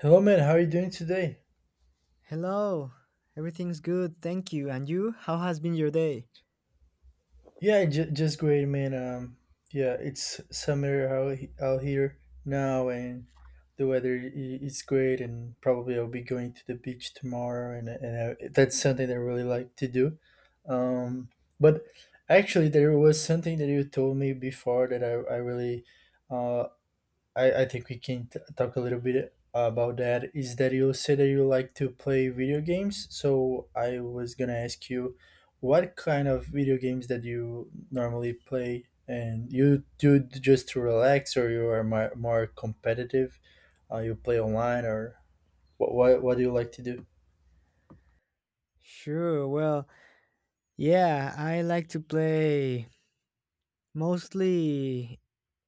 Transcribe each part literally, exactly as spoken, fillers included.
Hello, man. How are you doing today? Hello. Everything's good, thank you. And you? How has been your day? Yeah, j- just great, man. Um, yeah, it's summer out, he- out here now, and the weather i- is great. And probably I'll be going to the beach tomorrow, and and I, that's something that I really like to do. Um, but actually, there was something that you told me before that I I really uh I, I think we can t- talk a little bit about that. Is that you say that you like to play video games? So I was gonna ask you, what kind of video games that you normally play, and you do it just to relax, or you are more, more competitive? Uh, you play online, or what, what what do you like to do? Sure. Well, yeah, I like to play mostly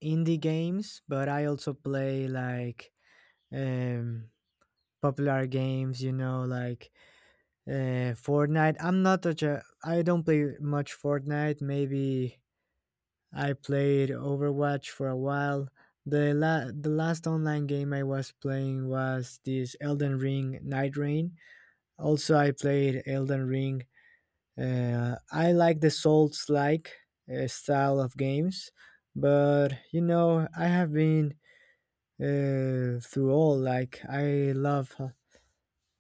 indie games, but I also play like um popular games, you know, like uh Fortnite. I'm not such a I don't play much Fortnite. Maybe I played Overwatch for a while. The la- the last online game I was playing was this Elden Ring Night Rain. Also, I played Elden Ring. Uh, I like the Souls-like uh, style of games, but you know, I have been uh, through all. Like, I love uh,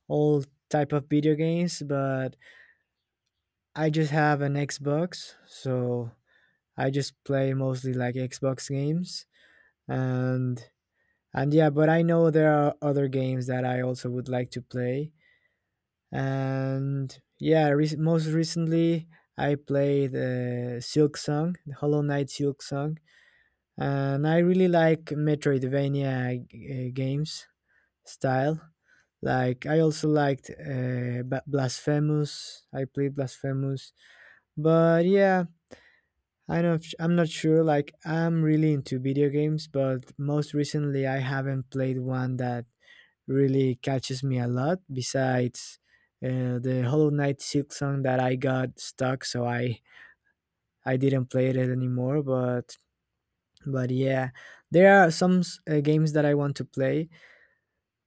all type of video games, but I just have an Xbox, so I just play mostly like Xbox games, and and yeah, but I know there are other games that I also would like to play. And yeah, re- most recently I played uh, Silk Song, Hollow Knight Silk Song, and I really like Metroidvania g- uh, games style. Like, I also liked uh, Ba- Blasphemous. I played Blasphemous, but yeah, I know I'm not sure. Like, I'm really into video games, but most recently I haven't played one that really catches me a lot besides uh, the Hollow Knight Silk song that I got stuck, so I I didn't play it anymore, but but yeah, there are some s- uh, games that I want to play,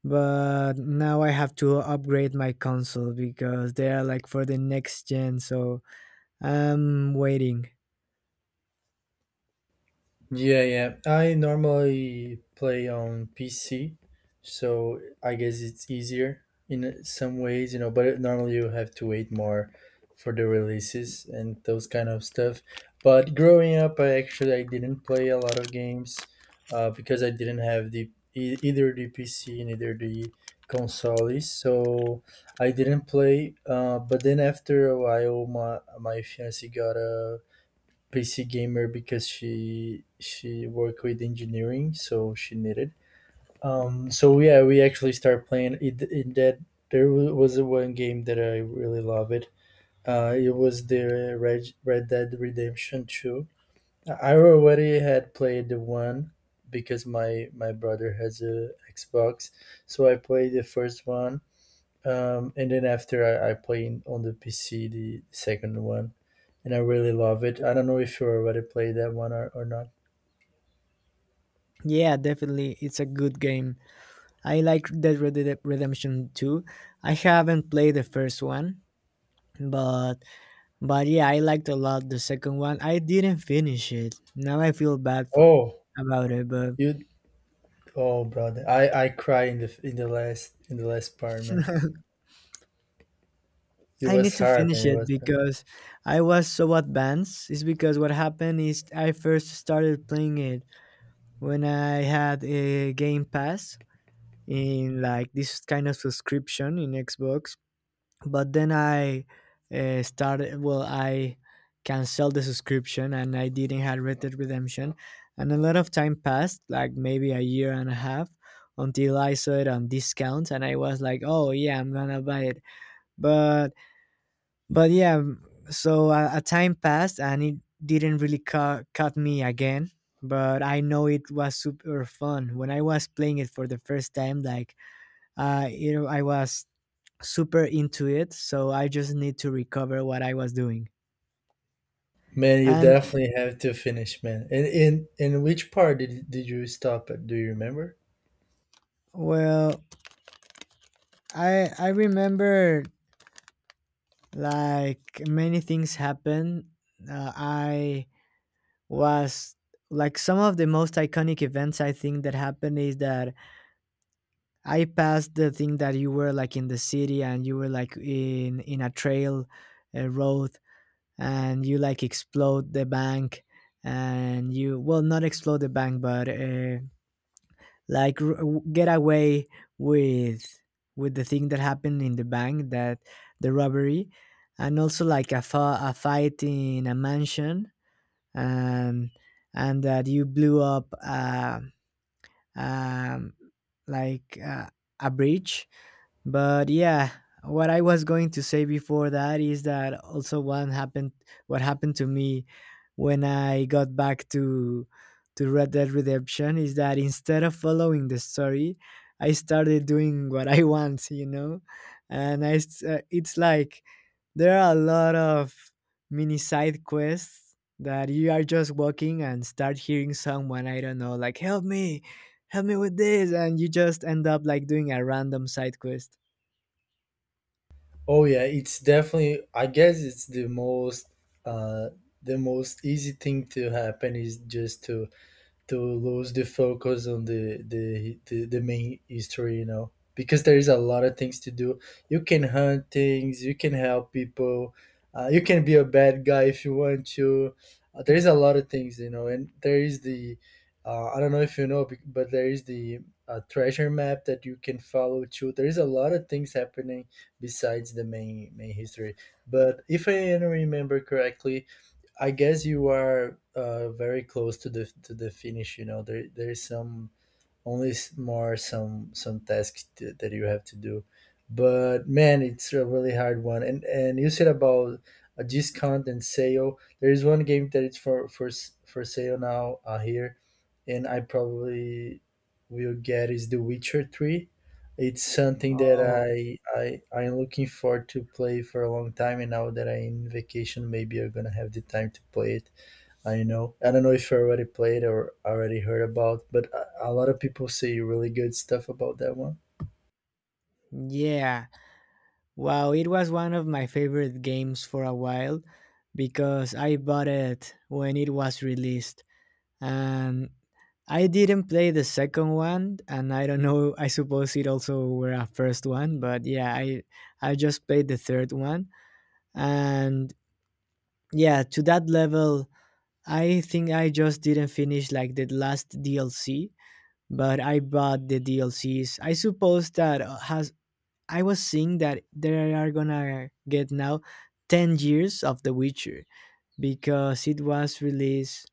but now I have to upgrade my console because they are like for the next gen, so I'm waiting. Yeah, yeah. I normally play on P C, so I guess it's easier in some ways, you know, but normally you have to wait more for the releases and those kind of stuff. But growing up, I actually I didn't play a lot of games uh, because I didn't have the e- either the P C and either the consoles, so I didn't play. Uh, but then after a while, my my fiance got a P C gamer because she she worked with engineering, so she needed. Um, so yeah, we actually started playing it. In that there was one game that I really loved it. Uh, it was the Red, Red Dead Redemption Two. I already had played the one because my my brother has a Xbox, so I played the first one. Um, and then after I, I played on the P C the second one and I really love it. I don't know if you already played that one or, or not. Yeah, definitely, it's a good game. I like Dead Red Dead Redemption two. I haven't played the first one, but But yeah, I liked a lot the second one. I didn't finish it. Now I feel bad for Oh, about it, but you oh brother. I I cry in the in the last in the last part, man. It I was need to hard, finish man. It it was hard. because I was so advanced. It's because what happened is I first started playing it when I had a Game Pass in like this kind of subscription in Xbox. But then I, uh, started well, I canceled the subscription and I didn't have Red Dead Redemption, and a lot of time passed, like maybe a year and a half, until I saw it on discount and I was like, oh yeah, I'm gonna buy it, but but yeah. So a, a time passed and it didn't really cut cut me again, but I know it was super fun when I was playing it for the first time, like, uh, you know, I was super into it, so I just need to recover what I was doing. Man, you And definitely have to finish, man. And in and, which part did did you stop at? Do you remember? well, I I remember like many things happened. Uh, I was Like, some of the most iconic events I think that happened is that I passed the thing that you were like in the city and you were like in in a trail, a road, and you like explode the bank, and you, well, not explode the bank but uh, like r- w- get away with with the thing that happened in the bank, that the robbery, and also like a, fa- a fight in a mansion, and and that you blew up uh, um, like uh, a bridge. But yeah, what I was going to say before that is that also one happened what happened to me when I got back to to Red Dead Redemption is that instead of following the story, I started doing what I want, you know? And I s- uh, it's like there are a lot of mini side quests that you are just walking and start hearing someone I don't know, like, help me, help me with this, and you just end up like doing a random side quest. Oh yeah, it's definitely I guess it's the most uh the most easy thing to happen is just to to lose the focus on the the the, the main history, you know, because there is a lot of things to do. You can hunt things, you can help people, uh, you can be a bad guy if you want to. Uh, there is a lot of things, you know, and there is the uh, i don't know if you know bec- but there is the uh, treasure map that you can follow too. There is a lot of things happening besides the main main history. But if I remember correctly, I guess you are uh, very close to the to the finish. You know, there there is some only s- more some some tasks t- that you have to do, but man, it's a really hard one. and and you said about a discount and sale, there is one game that it's for for s- for sale now, uh, here, and I probably will get is the Witcher three. It's something that Oh, i i i'm looking forward to play for a long time, and now that I'm in vacation maybe I'm gonna have the time to play it. I know. I don't know if you already played or already heard about, but a a lot of people say really good stuff about that one. yeah. Wow, it was one of my favorite games for a while because I bought it when it was released. And I didn't play the second one, and I don't know, I suppose it also were a first one, but yeah, I I just played the third one. And yeah, to that level, I think I just didn't finish like the last D L C, but I bought the D L Cs. I suppose that, uh, has I was seeing that they are gonna get now ten years of The Witcher because it was released.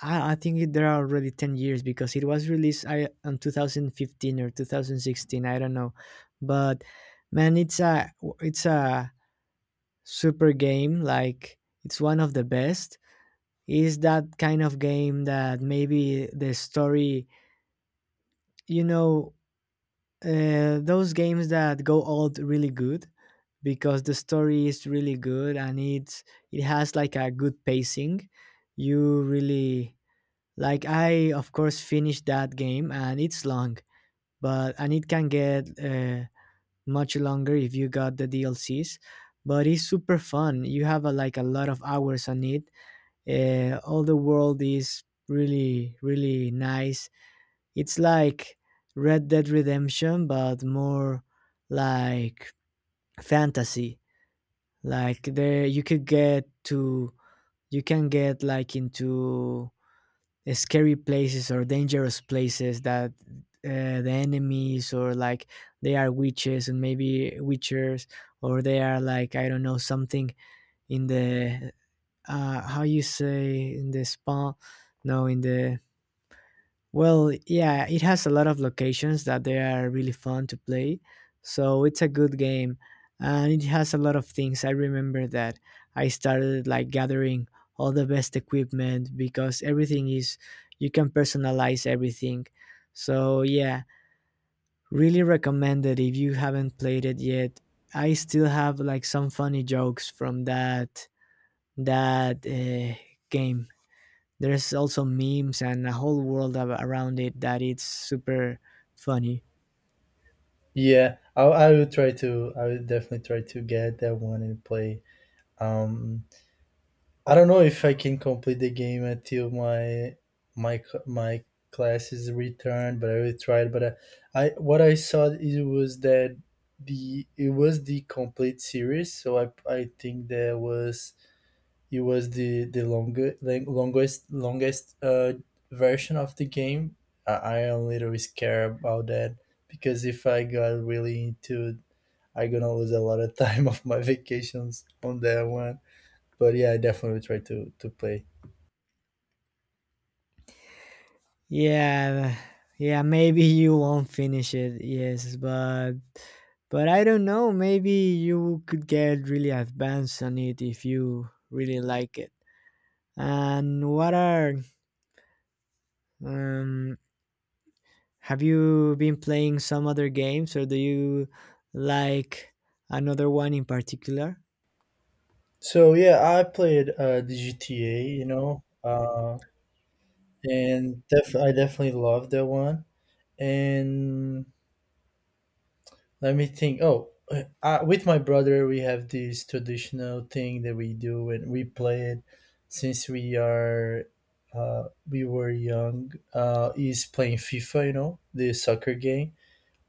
I, I think it- there are already ten years because it was released, I, on two thousand fifteen or twenty sixteen. I don't know. But man, it's a, it's a super game. Like, it's one of the best. Is that kind of game that maybe the story, you know, uh, those games that go old really good because the story is really good, and it's it has like a good pacing. You really like I of course finished that game and it's long, but and it can get uh, much longer if you got the D L Cs. But it's super fun. You have a, like a lot of hours on it. Uh, all the world is really really nice. It's like Red Dead Redemption, but more like fantasy, like there you could get to you can get like into scary places or dangerous places that, uh, the enemies, or like they are witches and maybe witchers, or they are like I don't know something in the uh how you say, in the spawn, no, in the, well, yeah, it has a lot of locations that they are really fun to play. So it's a good game, and it has a lot of things. I remember that I started like gathering all the best equipment because everything is you can personalize everything. So yeah, really recommend it if you haven't played it yet. I still have like some funny jokes from that that uh, game. There's also memes and a whole world ab- around it that it's super funny. Yeah, I, I will try to. I will definitely try to get that one and play. Um, I don't know if I can complete the game until my my c- my class is returned, but I will try it. But I, I what I saw it was that the it was the complete series, so I I think there was It was the the longer, lang- longest longest uh, version of the game. I, I am a little scared about that because if I got really into it, I'm gonna lose a lot of time of my vacations on that one. But yeah, I definitely try to to play. Yeah, yeah, maybe you won't finish it, yes, but but I don't know, maybe you could get really advanced on it if you really like it. And what are um have you been playing some other games, or do you like another one in particular? So yeah, I played uh, the G T A, you know, uh, and def- I definitely love that one. And Let me think. Oh, uh, uh, with my brother, we have this traditional thing that we do, and we play it since we are uh, we were young. Uh, he's playing FIFA, you know, the soccer game.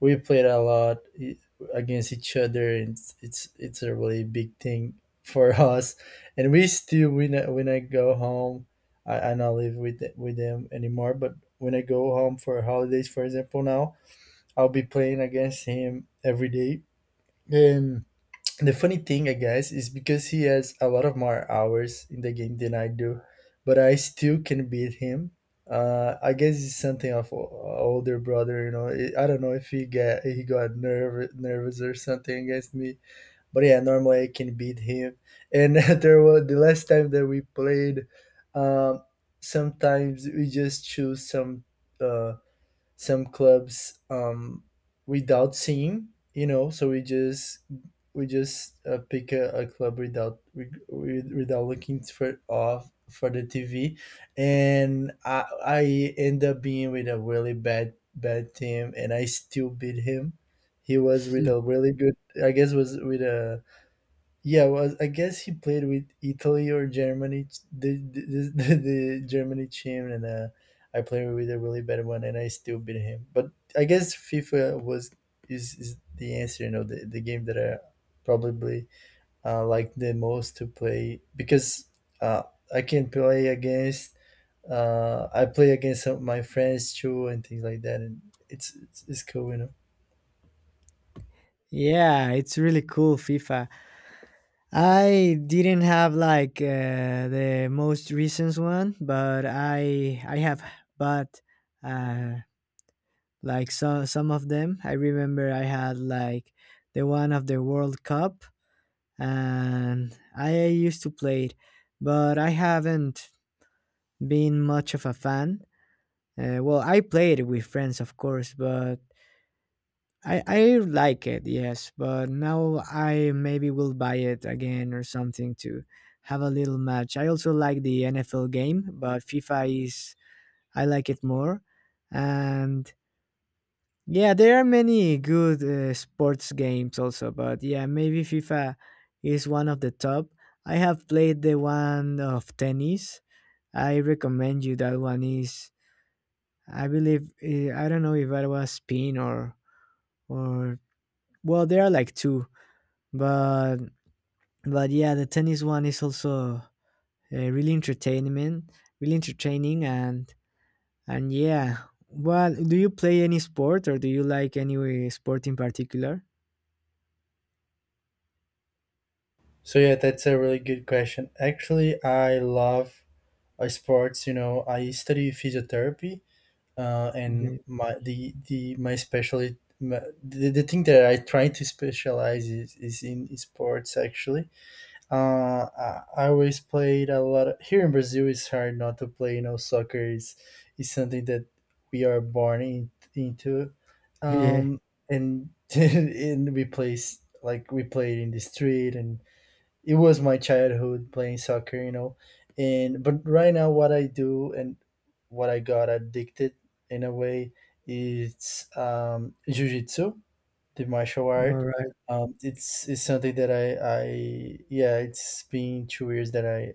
We played a lot i- against each other, and it's it's, it's a really big thing for us. And we still when I, when I go home, I, I not live with th- with them anymore. But when I go home for holidays, for example, now I'll be playing against him every day. And the funny thing, I guess, is because he has a lot of more hours in the game than I do, but I still can beat him. Uh, I guess it's something of o- older brother, you know. I I don't know if he get he got nervous nervous or something against me, but yeah, normally I can beat him. And there was the last time that we played. Um, Sometimes we just choose some. Uh, some clubs, um, without seeing, you know, so we just we just uh, pick a, a club without we, without looking for off for the T V, and I I end up being with a really bad bad team and I still beat him. He was with Mm. a really good I guess was with a yeah, well, I guess he played with Italy or Germany, the the, the, the Germany team, and uh, I played with a really bad one, and I still beat him. But I guess FIFA was is, is the answer, you know, the, the game that I probably uh, like the most to play because uh, I can play against. Uh, I play against some of my friends too, and things like that, and it's it's, it's cool, you know. Yeah, it's really cool, FIFA. I didn't have like uh, the most recent one, but I I have bought uh, like so, some of them. I remember I had like the one of the World Cup, and I used to play it, but I haven't been much of a fan. Uh, well, I played with friends, of course, but I, I like it, yes, but now I maybe will buy it again or something to have a little match. I also like the N F L game, but FIFA is, I like it more. And yeah, there are many good uh, sports games also, but yeah, maybe FIFA is one of the top. I have played the one of tennis. I recommend you that one is I believe, eh, I don't know if it was spin or or well, there are like two, but but yeah, the tennis one is also uh, really entertainment really entertaining, and and yeah. Well, do you play any sport or do you like any sport in particular? So yeah, that's a really good question. Actually, I love uh, sports. You know, I study physiotherapy, uh, and Yeah, my the the my specialty my, the, the thing that I try to specialize is, is in sports. Actually, uh, I, I always played a lot. Of, here in Brazil, it's hard not to play. You know, soccer is is something that we are born in, into, yeah. um, and and we play s- like we played in the street, and it was my childhood playing soccer, you know. And but right now, what I do and what I got addicted in a way is um, jujitsu, the martial All art. right. Um, it's it's something that I I yeah, it's been two years that I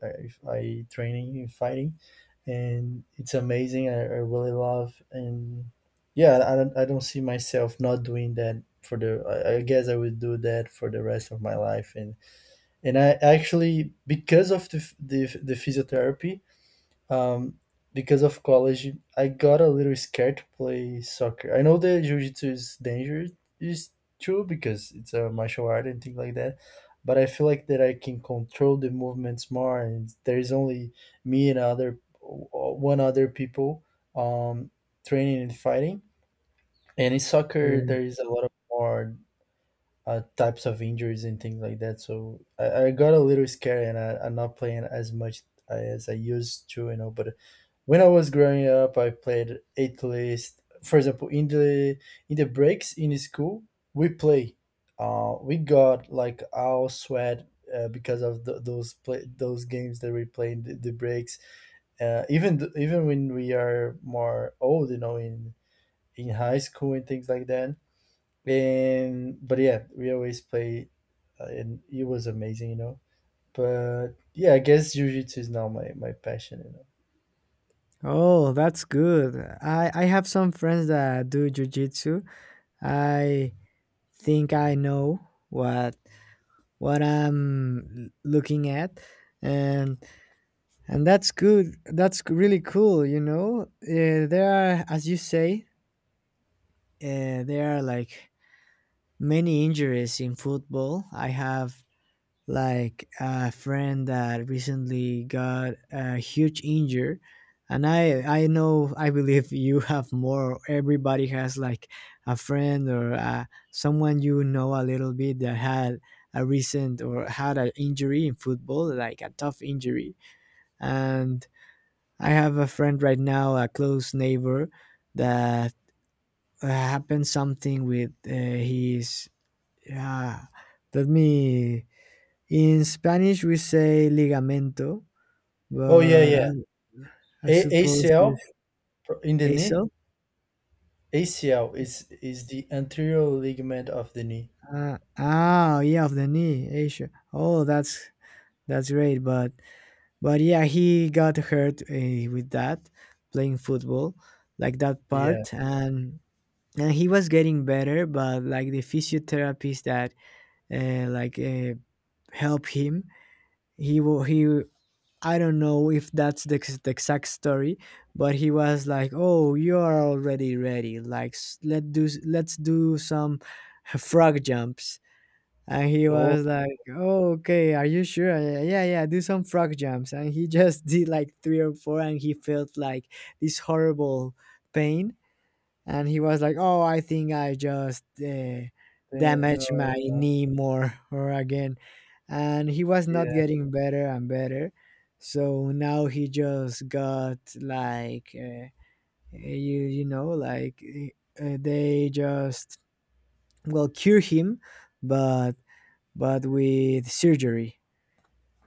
I, I training in fighting, and it's amazing. I, I really love. And yeah, I don't I don't see myself not doing that for the. I, I guess I would do that for the rest of my life. and and I actually because of the f- the, the physiotherapy, um, because of college, I got a little scared to play soccer. I know that jiu-jitsu is dangerous, is true because it's a martial art and things like that, but I feel like that I can control the movements more, and there is only me and other one other people um, training and fighting. And in soccer, Yeah. there is a lot of more uh, types of injuries and things like that. So I, I got a little scared and I, I'm not playing as much uh, as I used to, you know. But when I was growing up, I played at least, for example, in the in the breaks in school, we play. Uh, we got like all sweat uh, because of th those play those games that we play in the, the breaks. Uh, even th even when we are more old, you know, in in high school and things like that. And but yeah, we always play, uh, and it was amazing, you know. But yeah, I guess jiu-jitsu is now my my passion, you know. Oh, that's good. I I have some friends that do jujitsu. I think I know what what I'm looking at, and and that's good. That's really cool. You know, uh, there are, as you say, uh, there are like many injuries in football. I have like a friend that recently got a huge injury, and i i know I believe you have more, everybody has like a friend, or uh, someone you know a little bit, that had a recent or had an injury in football, like a tough injury. And I have a friend right now, a close neighbor, that uh, happened something with uh, his uh, let me, in Spanish, we say ligamento, Oh yeah, but I, yeah. I A- suppose ACL it's pro- in the knee. A C L. A C L is is the anterior ligament of the knee. Uh, oh, yeah, of the knee, A C L. Oh, that's that's great. But but yeah, he got hurt uh, with that playing football, like that Yeah. part, and and he was getting better. But like the physiotherapist that uh, like uh, help him, he wa- he I don't know if that's the, ex- the exact story, but he was like, "Oh, you are already ready. Like, s- let do s- let's do some frog jumps." And he Oh was like, "Oh, okay. Are you sure? Yeah, yeah, yeah, yeah, do some frog jumps." And he just did like three or four, and he felt like this horrible pain, and he was like, "Oh, I think I just uh, eh, no, damaged my no. knee more or again," and he was not Yeah. getting better and better. So now he just got like uh, uh, you you know like uh, uh, they just, well, cure him, but but with surgery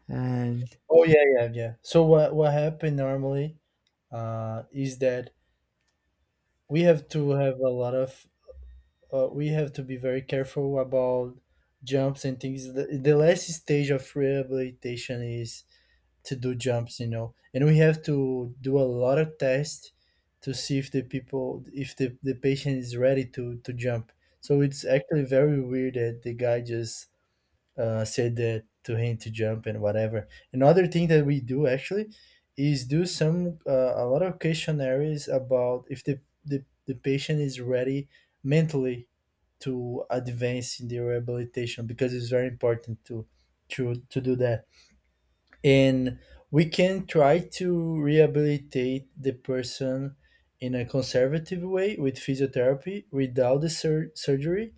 and Oh yeah, yeah, yeah. So what what happened normally uh is that we have to have a lot of uh, we have to be very careful about jumps and things. The, the last stage of rehabilitation is to do jumps, you know, and we have to do a lot of tests to see if the people, if the, the patient is ready to, to jump. So it's actually very weird that the guy just uh, said that to him to jump and whatever. Another thing that we do actually is do some uh, a lot of questionnaires about if the, the, the patient is ready mentally to advance in their rehabilitation because it's very important to to to do that, and we can try to rehabilitate the person in a conservative way with physiotherapy without the sur- surgery,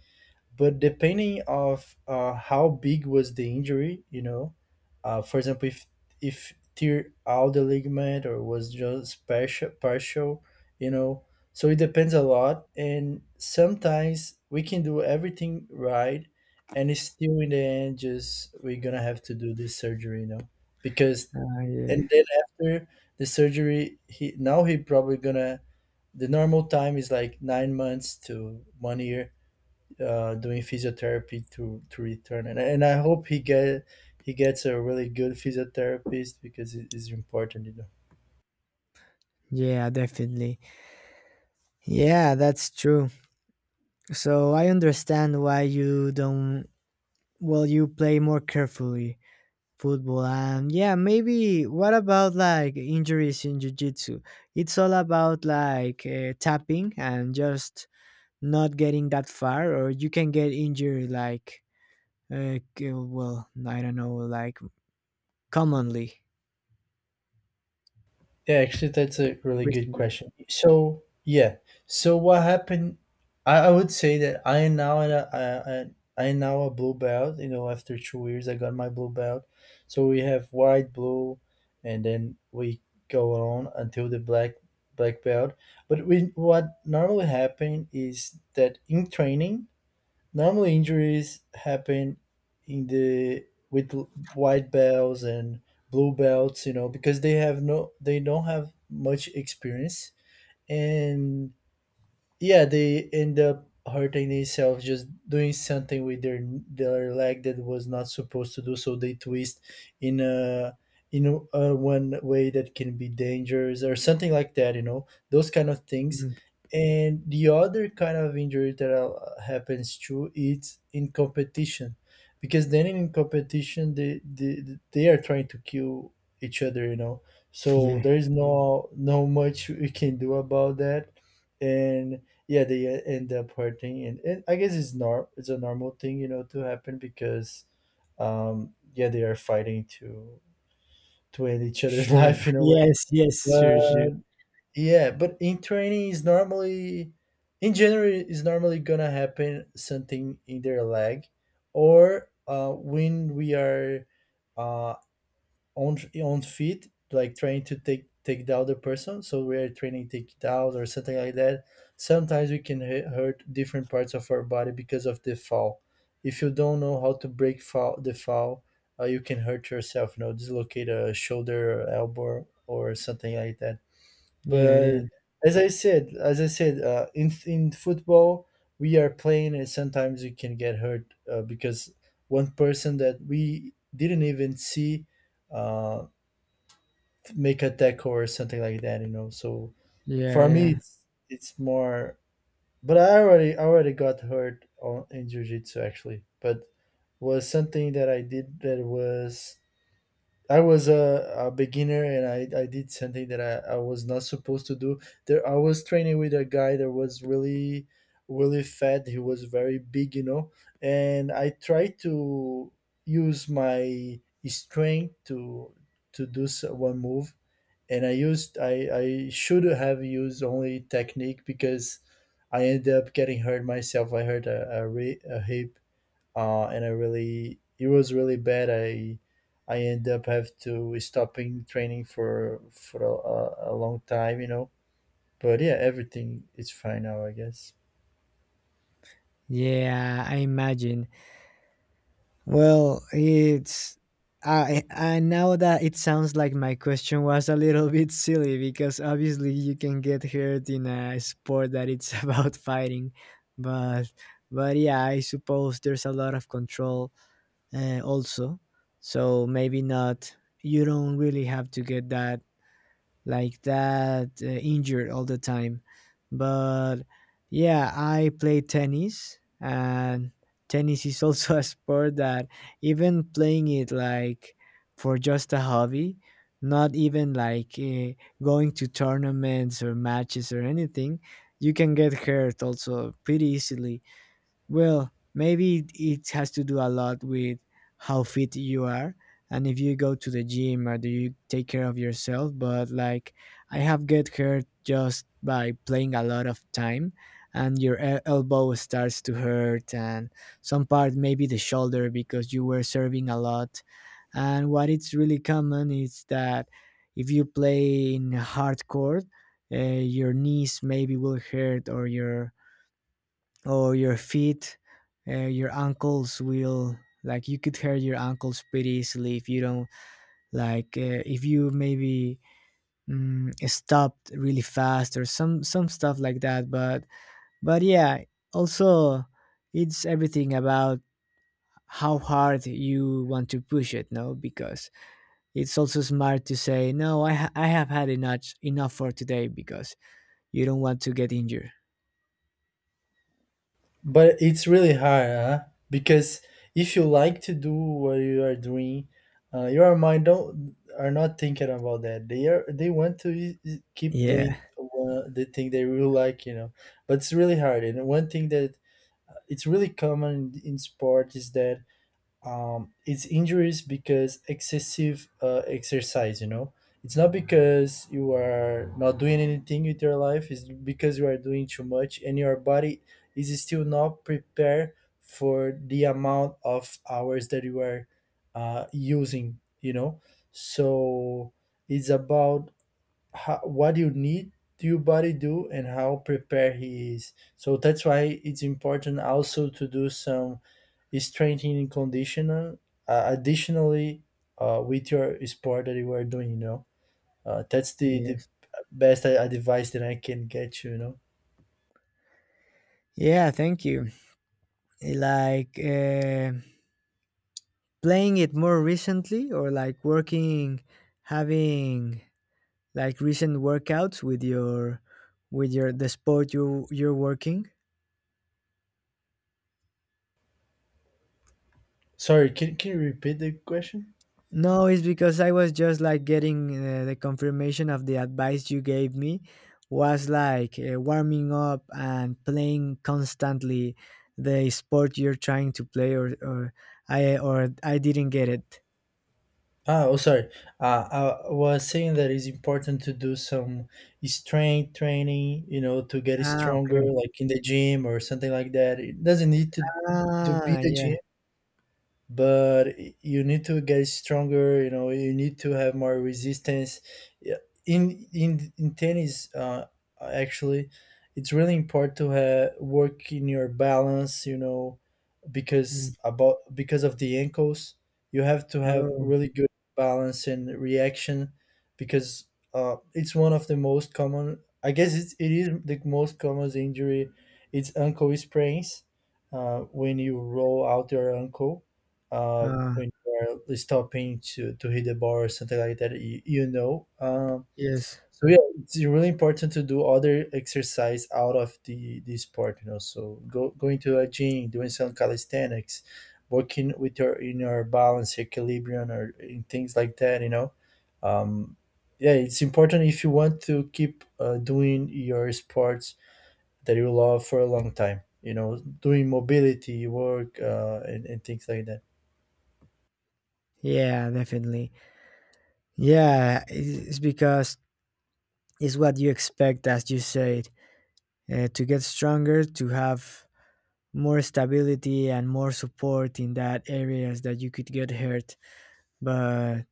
but depending of uh, how big was the injury, you know, uh, for example, if if tear out the ligament or was just partial, partial, you know, so it depends a lot. And sometimes we can do everything right, and it's still in the end just we're gonna have to do this surgery, you know, because uh, yeah, and then after the surgery, he now he probably gonna the normal time is like nine months to one year uh, doing physiotherapy to to return, and, and I hope he get he gets a really good physiotherapist because it is important, you know. yeah, definitely. Yeah, that's true. So I understand why you don't, well, you play more carefully football. And yeah, maybe what about like injuries in jiu-jitsu? It's all about like uh, tapping and just not getting that far, or you can get injured like uh, k- well, I don't know, like, commonly. Yeah, actually that's a really good Recently. question, so yeah, so what happened. I, I would say that I am now in a, I, I, I am now a blue belt, you know, after two years I got my blue belt. So we have white, blue, and then we go on until the black, black belt. But we, what normally happen is that in training, normally injuries happen in the with l- white belts and blue belts, you know, because they have no, they don't have much experience, and yeah, they end up hurting themselves just doing something with their their leg that was not supposed to do, so they twist in a in a, uh, one way that can be dangerous or something like that, you know, those kind of things. Mhm. And the other kind of injury that uh, happens too is in competition, because then in competition they, they they are trying to kill each other, you know, so Yeah. there's no no much we can do about that. And yeah, they uh, end up hurting, and, and I guess it's nor it's a normal thing, you know, to happen because um yeah, they are fighting to to end each other's Sure, life in a way. yes, yes, sure, But sure. yeah, but in training is normally in general is normally gonna happen something in their leg, or uh when we are uh, on on feet, like trying to take take the other person. So we are training take it out or something like that. Sometimes we can hu- hurt different parts of our body because of the fall. If you don't know how to break fall, the fall, uh, you can hurt yourself. You know, dislocate a shoulder, or elbow, or something like that. Yeah, yeah, But as I said, as I said, uh, in in football we are playing, and sometimes we can get hurt uh, because one person that we didn't even see uh, make a tackle or something like that, you know. So yeah, for me, yeah, it's it's more. But I already I already got hurt on, in jujitsu actually, but was something that I did that was I was a, a beginner, and I, I did something that I, I was not supposed to do. There I was training with a guy that was really really fat. He was very big, you know, and I tried to use my strength to to do so- one move, and I used I I should have used only technique, because I ended up getting hurt myself. I hurt a a, re, a hip, uh, and I really it was really bad. I I ended up have to stopping training for for a, a a long time, you know. But yeah, everything is fine now, I guess. yeah, I imagine. Well, it's I I now that it sounds like my question was a little bit silly because obviously you can get hurt in a sport that it's about fighting, but but yeah, I suppose there's a lot of control uh, also, so maybe not. You don't really have to get that, like that uh, injured all the time. But yeah, I play tennis, and tennis is also a sport that, even playing it like for just a hobby, not even like uh, going to tournaments or matches or anything, you can get hurt also pretty easily. Well, maybe it has to do a lot with how fit you are and if you go to the gym or do you take care of yourself. But like, I have get hurt just by playing a lot of time, and your el- elbow starts to hurt, and some part maybe the shoulder because you were serving a lot. And what it's really common is that if you play in hardcore, uh, your knees maybe will hurt, or your, or your feet, uh, your ankles will, like, you could hurt your ankles pretty easily if you don't, like, uh, if you maybe, mm, stopped really fast, or some some stuff like that. But but yeah, also, it's everything about how hard you want to push it, no, because it's also smart to say no, i, ha- I have had enough enough for today because you don't want to get injured. But it's really hard, huh? Because if you like to do what you are doing, uh, your mind don't are not thinking about that. They are they want to i- i- keep Yeah. doing uh, the thing they really like, you know. But it's really hard. And one thing that uh, it's really common in sport is that um, it's injuries because excessive uh, exercise, you know, it's not because you are not doing anything with your life, it's because you are doing too much and your body is still not prepared for the amount of hours that you are uh, using, you know. So it's about how, what you need your body do, and how prepared he is, so that's why it's important also to do some is strengthening conditional, uh, additionally uh, with your sport that you are doing, you know. Uh, that's the, the Yes. best a- advice that I can get you, you know. Yeah, thank you. Like, uh, playing it more recently, or like working, having like recent workouts with your, with your the sport you you're working? Sorry, can, can you repeat the question. No, it's because I was just like getting uh, the confirmation of the advice you gave me. Was like, uh, warming up and playing constantly the sport you're trying to play, or or i or i didn't get it? Ah, oh sorry, uh, I was saying that it's important to do some strength training, you know, to get Ah, stronger, okay. like in the gym or something like that. It doesn't need to to be Ah, the yeah. gym, but you need to get stronger, you know, you need to have more resistance. Yeah, in in in tennis uh, actually it's really important to have work in your balance, you know, Mm. because about because of the ankles, you have to have Oh, really good balance and reaction, because uh, it's one of the most common, I guess it's, it is the most common injury, it's ankle sprains, uh, when you roll out your ankle, uh, uh, when you are stopping to, to hit the bar or something like that, you, you know. Um, Yes. so yeah, it's really important to do other exercise out of the, the sport, you know. So go going to a gym, doing some calisthenics, working with your inner balance, equilibrium, or in things like that, you know. Um, yeah, it's important if you want to keep uh, doing your sports that you love for a long time. You know, doing mobility work uh, and, and things like that. Yeah, definitely. Yeah, it's it's because it's what you expect, as you said, uh, to get stronger, to have more stability and more support in that areas that you could get hurt. But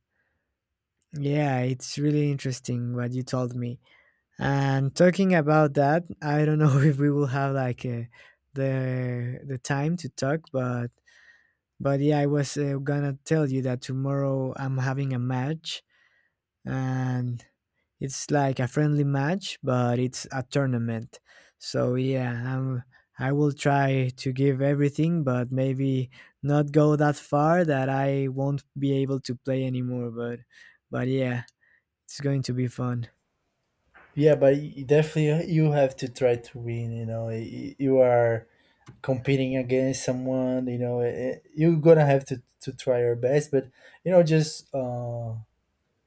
yeah, it's really interesting what you told me. And talking about that, I don't know if we will have like uh, the the time to talk, but but yeah, I was uh, gonna tell you that tomorrow I'm having a match, and it's like a friendly match, but it's a tournament. So yeah, I'm, I will try to give everything, but maybe not go that far that I won't be able to play anymore. But but yeah, it's going to be fun. Yeah, but you definitely uh, you have to try to win. You know, Y- y- you are competing against someone. You know, eh, eh, you're gonna have to to try your best. But you know, just uh,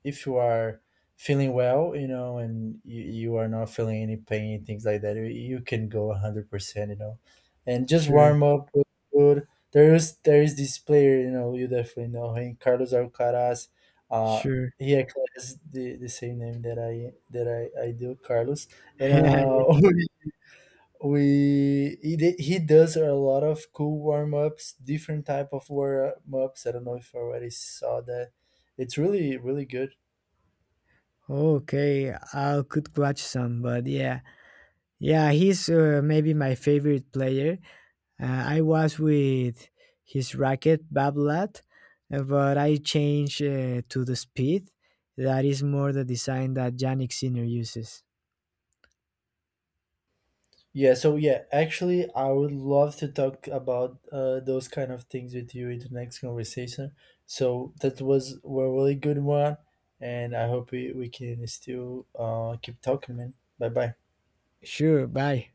if you are feeling well, you know, and you, you are not feeling any pain, things like that, you you can go one hundred percent, you know, and just Sure, warm up with food. There is, there is this player, you know, you definitely know him, Carlos Alcaraz. Uh, sure. he actually has the, the same name that I that I, I do, Carlos. And Yeah, uh, yes. we he, did- he does a lot of cool warm ups, different type of warm ups. I don't know if you already saw that. It's really really good. Okay, I could watch some, but yeah, yeah, he's uh, maybe my favorite player. Uh, I was with his racket Bablat, uh, but I changed uh, to the speed. That is more the design that Yannick Sinner uses. Yeah, so yeah, actually, I would love to talk about uh, those kind of things with you in the next conversation. So that was a really good one, and I hope we, we can still uh, keep talking, man. Bye bye. Sure, bye.